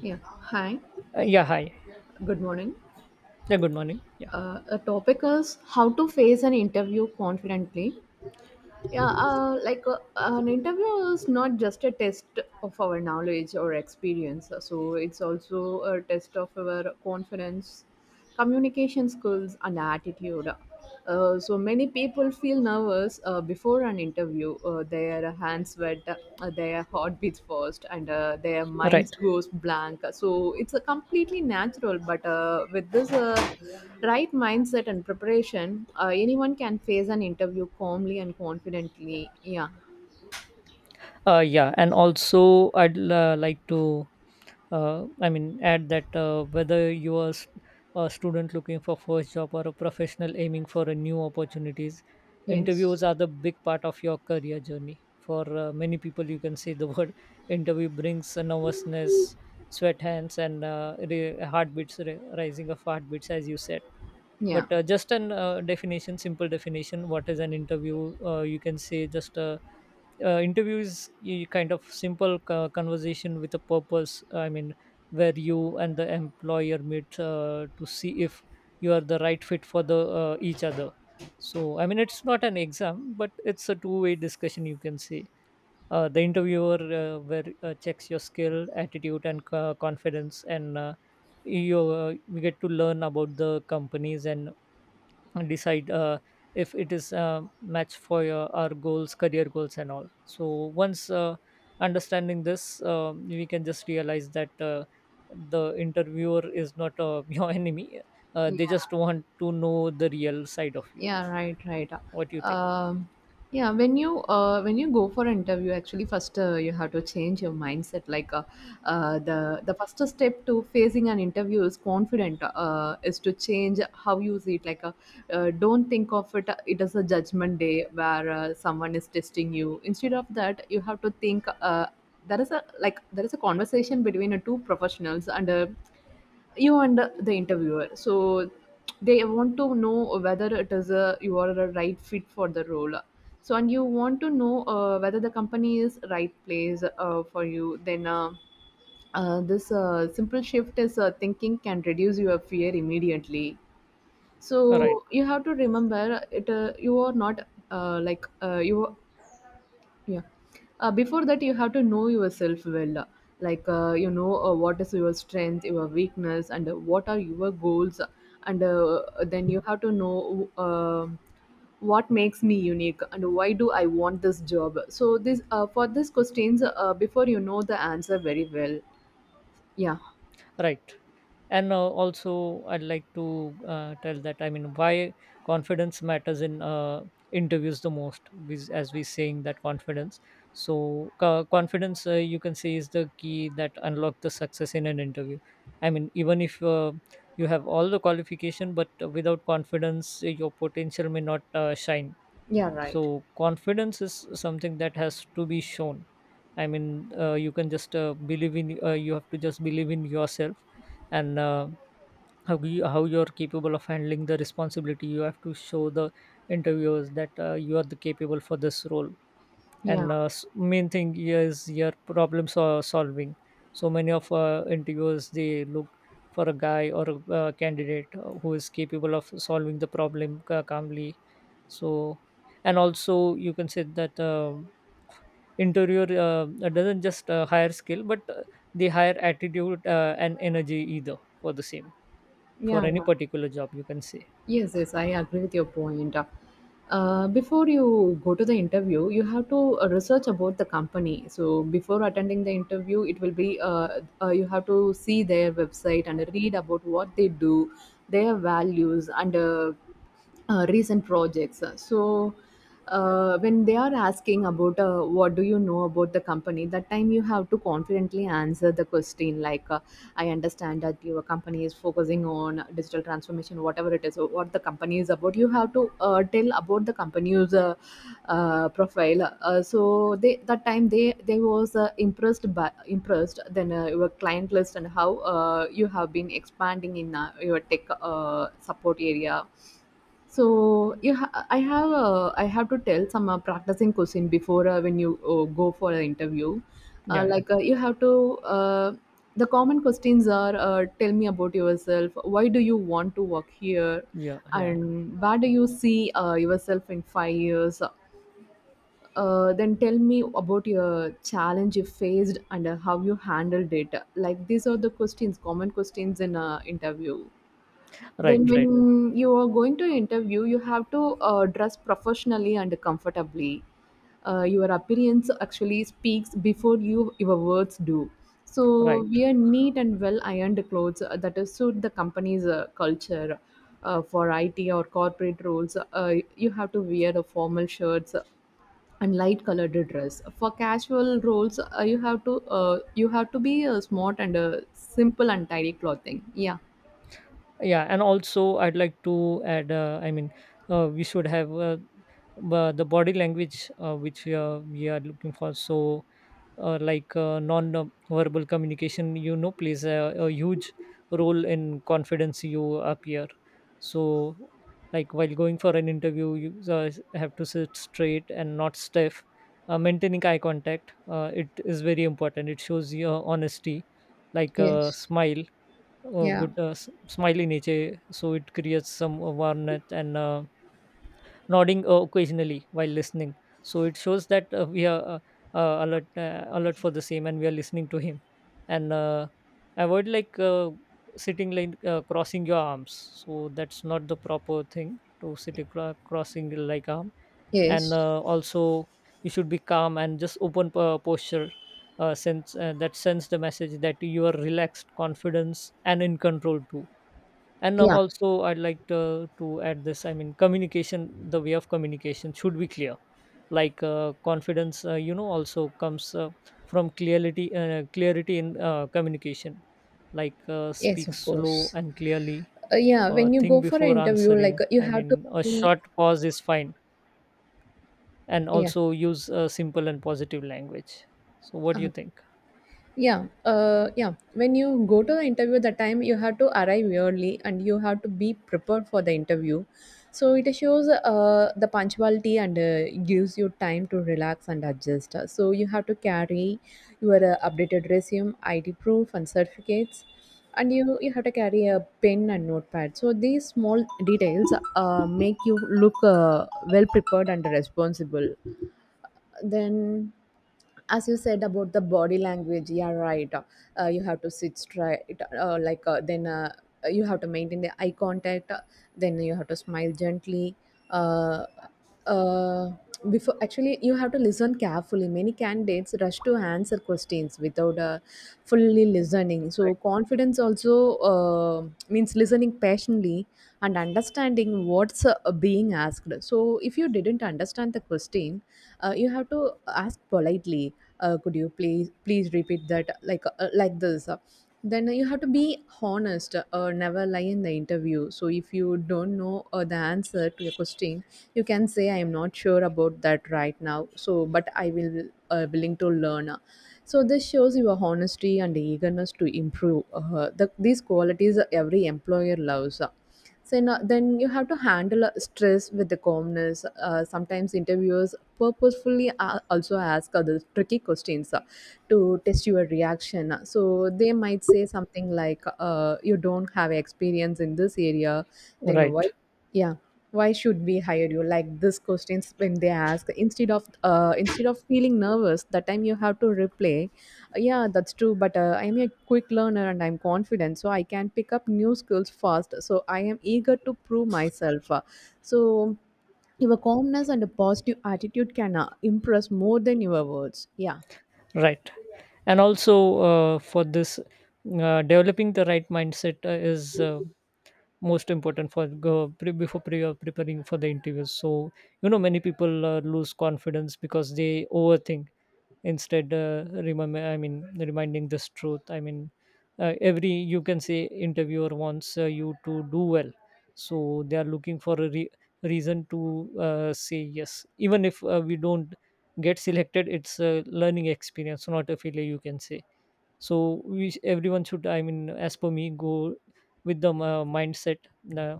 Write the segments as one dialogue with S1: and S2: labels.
S1: Yeah. Hi.
S2: Yeah, hi.
S1: Good morning.
S2: Yeah, good morning. Yeah,
S1: A topic is how to face an interview confidently. An interview is not just a test of our knowledge or experience. So it's also a test of our confidence, communication skills, and attitude. So many people feel nervous before an interview. Their hands sweat, their heartbeats fast, and their minds
S2: right.
S1: goes blank. So it's a completely natural. But with this right mindset and preparation, anyone can face an interview calmly and confidently. Yeah.
S2: Yeah, and also I'd like to, add that whether you are a student looking for first job or a professional aiming for a new opportunities,
S1: Yes.
S2: interviews are the big part of your career journey. For many people, you can say the word interview brings a nervousness, sweat hands, and heartbeats, rising of heartbeats, as you said,
S1: Yeah.
S2: but just an definition simple definition what is an interview, you can say just interview is kind of simple conversation with a purpose, I mean, where you and the employer meet to see if you are the right fit for the each other. So I mean it's not an exam but it's a two-way discussion, you can say. Uh, The interviewer where checks your skill, attitude and confidence, and you we get to learn about the companies and decide if it is a match for your, our goals, career goals and all. So once understanding this, we can just realize that the interviewer is not your enemy. Uh, They just want to know the real side of you.
S1: Yeah, right, right.
S2: What do you think?
S1: Um, yeah, when you go for an interview, actually, first you have to change your mindset. The first step to facing an interview is confident. Is to change how you see it. Don't think of it. It is a judgment day where someone is testing you. Instead of that, you have to think. There is a conversation between two professionals and. You and the interviewer. So they want to know whether it is a you are a right fit for the role. So and you want to know whether the company is right place for you. Then this simple shift is thinking can reduce your fear immediately.
S2: All right.
S1: So you have to remember it. You are not you yeah. Before that, you have to know yourself well. Like, what is your strength, your weakness, and what are your goals. And then you have to know what makes me unique and why do I want this job. So, this for these questions, before you know the answer very well. Yeah.
S2: Right. And also I'd like to tell that, I mean, why confidence matters in interviews the most. As we saying that confidence, so confidence, you can say, is the key that unlock the success in an interview. I mean, even if you have all the qualification but without confidence your potential may not shine.
S1: Yeah, right.
S2: So confidence is something that has to be shown. I mean, you can just believe in. You have to just believe in yourself, and how you how you're capable of handling the responsibility. You have to show the interviewers that you are the capable for this role.
S1: Yeah.
S2: And main thing here is your problem solving. So many of interviewers, they look for a guy or a candidate who is capable of solving the problem calmly. So, and also you can say that, interior doesn't just hire skill but they hire attitude and energy either for the same, for
S1: Yeah.
S2: any particular job, you can say.
S1: Yes, yes, I agree with your point. Before you go to the interview, you have to research about the company. So before attending the interview, it will be you have to see their website and read about what they do, their values, and recent projects. So when they are asking about what do you know about the company, that time you have to confidently answer the question like. I understand that your company is focusing on digital transformation, whatever it is, or what the company is about. You have to tell about the company's profile. So they that time they was impressed then your client list and how you have been expanding in your tech support area. So I have to tell some practicing question before when you go for an interview
S2: Yeah,
S1: you have to the common questions are tell me about yourself, why do you want to work here,
S2: yeah, yeah, yeah.
S1: and where do you see yourself in 5 years, then tell me about your challenge you faced and how you handled it. Like these are the questions, common questions in a interview.
S2: Right,
S1: Then when
S2: right,
S1: you are going to interview, you have to dress professionally and comfortably. Your appearance actually speaks before you your words do.
S2: right.
S1: So wear neat and well ironed clothes that is suit the company's culture. For IT or corporate roles, you have to wear the formal shirts and light colored dress. For casual roles, you have to be smart and simple and tidy clothing. Yeah.
S2: Yeah, and also I'd like to add. We should have the body language which we are looking for. So non-verbal communication, you know, plays a huge role in confidence you appear. So, like while going for an interview, you have to sit straight and not stiff. Maintaining eye contact, it is very important. It shows your honesty, like a
S1: Yes.
S2: smile, a
S1: Yeah.
S2: good smile in nature. So it creates some warmth and nodding occasionally while listening. So it shows that we are alert for the same, and we are listening to him. And avoid sitting crossing your arms. So that's not the proper thing to sit crossing like arm. And
S1: Yes.
S2: also you should be calm and just open posture. Sense That sends the message that you are relaxed, confidence, and in control too. And now
S1: Yeah.
S2: also I'd like to add this, I mean, communication, the way of communication should be clear, like confidence, you know, also comes from clarity, clarity in communication. Like
S1: Yes,
S2: speak
S1: of
S2: slow
S1: course.
S2: and clearly,
S1: Yeah,
S2: or
S1: when you
S2: think
S1: go for an
S2: before
S1: interview,
S2: answering,
S1: you
S2: I
S1: have to
S2: mean a
S1: be,
S2: short pause is fine, and
S1: yeah,
S2: also use simple and positive language. So what do you
S1: uh,
S2: think?
S1: yeah. When you go to the interview, the time you have to arrive early and you have to be prepared for the interview. So it shows the punctuality and gives you time to relax and adjust. So you have to carry your updated resume, ID proof, and certificates, and you have to carry a pen and notepad. So these small details make you look well prepared and responsible. Then, as you said about the body language, yeah, right. You have to sit straight, like then you have to maintain the eye contact. Then you have to smile gently. Uh, uh, Before actually, you have to listen carefully. Many candidates rush to answer questions without fully listening. So confidence also means listening patiently and understanding what's being asked. So if you didn't understand the question, you have to ask politely, could you please repeat that, like this then you have to be honest. Never lie in the interview. So if you don't know the answer to a question, you can say I am not sure about that right now, so but I will willing to learn. So this shows your honesty and eagerness to improve, these qualities every employer loves. So now, then you have to handle stress with the calmness. Sometimes interviewers purposefully also ask other tricky questions to test your reaction. So they might say something like, you don't have experience in this area, then why
S2: Right,
S1: yeah why should we hire you. Like this questions when they ask, instead of instead of feeling nervous, that time you have to reply. Yeah, that's true, but I'm a quick learner and I'm confident, so I can pick up new skills fast, so I am eager to prove myself. So your calmness and a positive attitude can impress more than your words. Yeah,
S2: right. And also for this developing the right mindset is most important for go pre- before pre- preparing for the interviews. So you know many people lose confidence because they overthink. Instead, remember, I mean reminding this truth, I mean every, you can say, interviewer wants you to do well. So they are looking for a reason to say yes. Even if we don't get selected, it's a learning experience, not a failure, you can say. So we, everyone should, I mean, as per me, go with the mindset uh,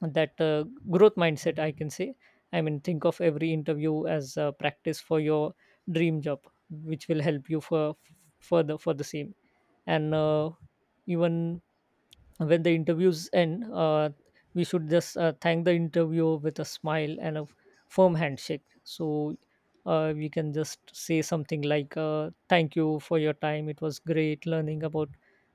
S2: that growth mindset, I can say. I mean, think of every interview as a practice for your dream job, which will help you for further for the same. And even when the interviews end, we should just thank the interviewer with a smile and a firm handshake. So we can just say something like, "Thank you for your time. It was great learning about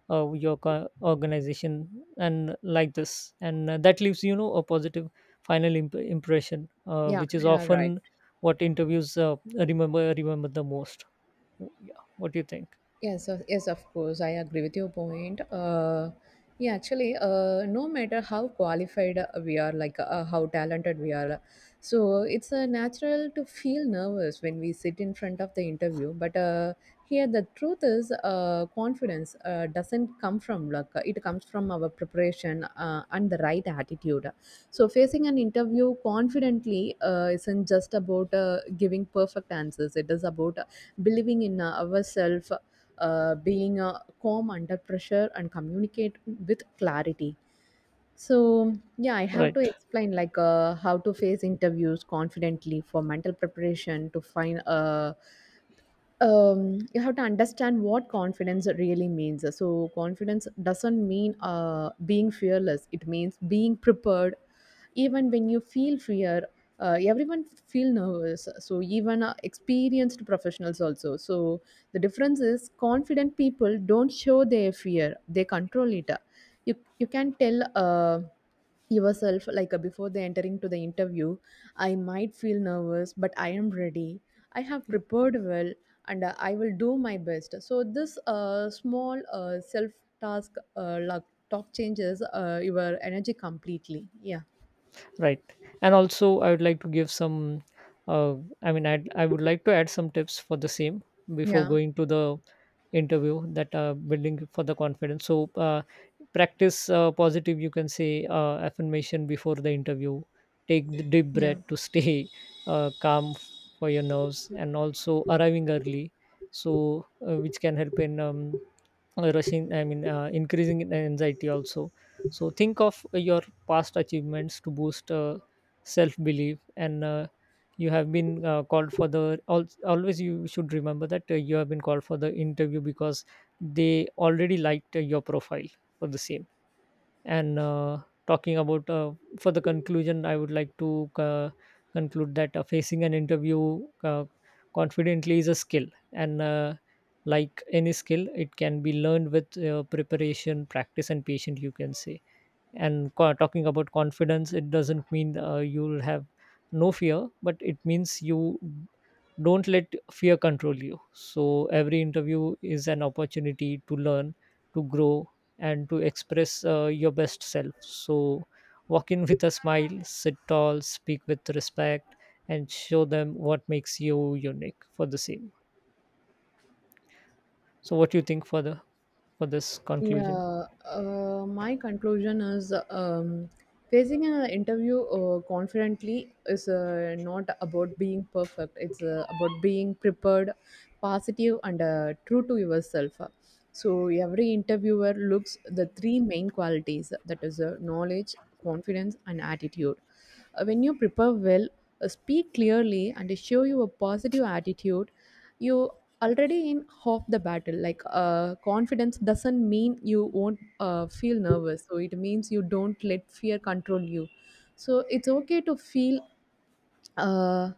S2: your organization," and like this, and that leaves, you know, a positive final impression,
S1: yeah,
S2: which is
S1: yeah, right.
S2: often what interviews remember the most. Yeah, what do you think?
S1: Yes, of course. I agree with your point. Yeah, actually, no matter how qualified we are, how talented we are, so it's natural to feel nervous when we sit in front of the interview. But Here, the truth is, confidence doesn't come from luck. It comes from our preparation and the right attitude. So, facing an interview confidently isn't just about giving perfect answers. It is about believing in ourselves, being calm under pressure and communicate with clarity. So, yeah, I have
S2: Right,
S1: to explain like how to face interviews confidently. For mental preparation to find you have to understand what confidence really means. So, confidence doesn't mean being fearless, it means being prepared even when you feel fear. Everyone feel nervous, so even experienced professionals also. So the difference is, confident people don't show their fear, they control it. You can tell yourself, before they entering to the interview, I might feel nervous but I am ready, I have prepared well, and I will do my best. So this small self task, like talk, changes your energy completely. Yeah.
S2: right. And also I would like to give some, uh, I would like to add some tips for the same before
S1: Yeah.
S2: going to the interview. That building for the confidence. So practice positive, you can say, affirmation before the interview. Take the deep
S1: Yeah,
S2: breath to stay calm for your nerves, and also arriving early, so which can help in rushing, I mean increasing in anxiety also. So think of your past achievements to boost self belief. And you have been called for the al- always you should remember that you have been called for the interview because they already liked your profile for the same. And talking about for the conclusion, I would like to conclude that facing an interview confidently is a skill, and like any skill, it can be learned with preparation, practice and patience, you can say. And talking about confidence, it doesn't mean you'll have no fear, but it means you don't let fear control you. So every interview is an opportunity to learn, to grow, and to express your best self. So walk in with a smile, sit tall, speak with respect, and show them what makes you unique for the same. So what do you think for the, for this conclusion?
S1: yeah. My conclusion is facing an interview confidently is not about being perfect. It's about being prepared, positive, and true to yourself. So every interviewer looks the three main qualities, that is knowledge, confidence, and attitude. When you prepare well, speak clearly, and show you a positive attitude. You already in half the battle. Confidence doesn't mean you won't feel nervous, so it means you don't let fear control you. So it's okay to feel. uh,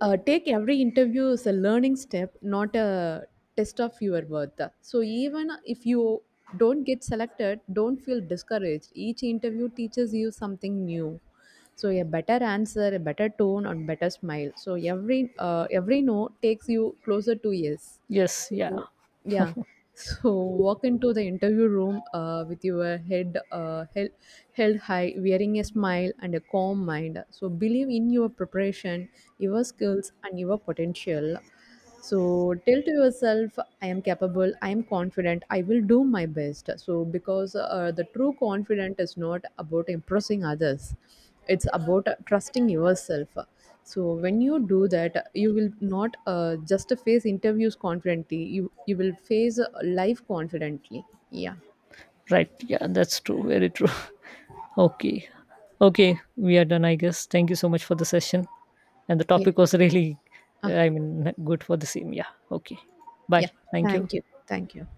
S1: Take every interview as a learning step, not a test of your worth. So even if you don't get selected, don't feel discouraged. Each interview teaches you something new, so a better answer, a better tone, and better smile. So every no takes you closer to yes.
S2: Yes,
S1: So
S2: yeah.
S1: yeah. So walk into the interview room with your head held high, wearing a smile and a calm mind. So believe in your preparation, your skills, and your potential. So tell to yourself, I am capable, I am confident, I will do my best. So, because the true confident is not about impressing others, it's about trusting yourself. So, when you do that, you will not just face interviews confidently, you will face life confidently. Yeah,
S2: Right, yeah, that's true, very true. Okay. Okay, we are done, I guess. Thank you so much for the session. And the
S1: yeah,
S2: topic was really,
S1: uh,
S2: I mean, good for the same. Yeah. Okay.
S1: yeah.
S2: Bye. Thank you.
S1: Thank you, thank you.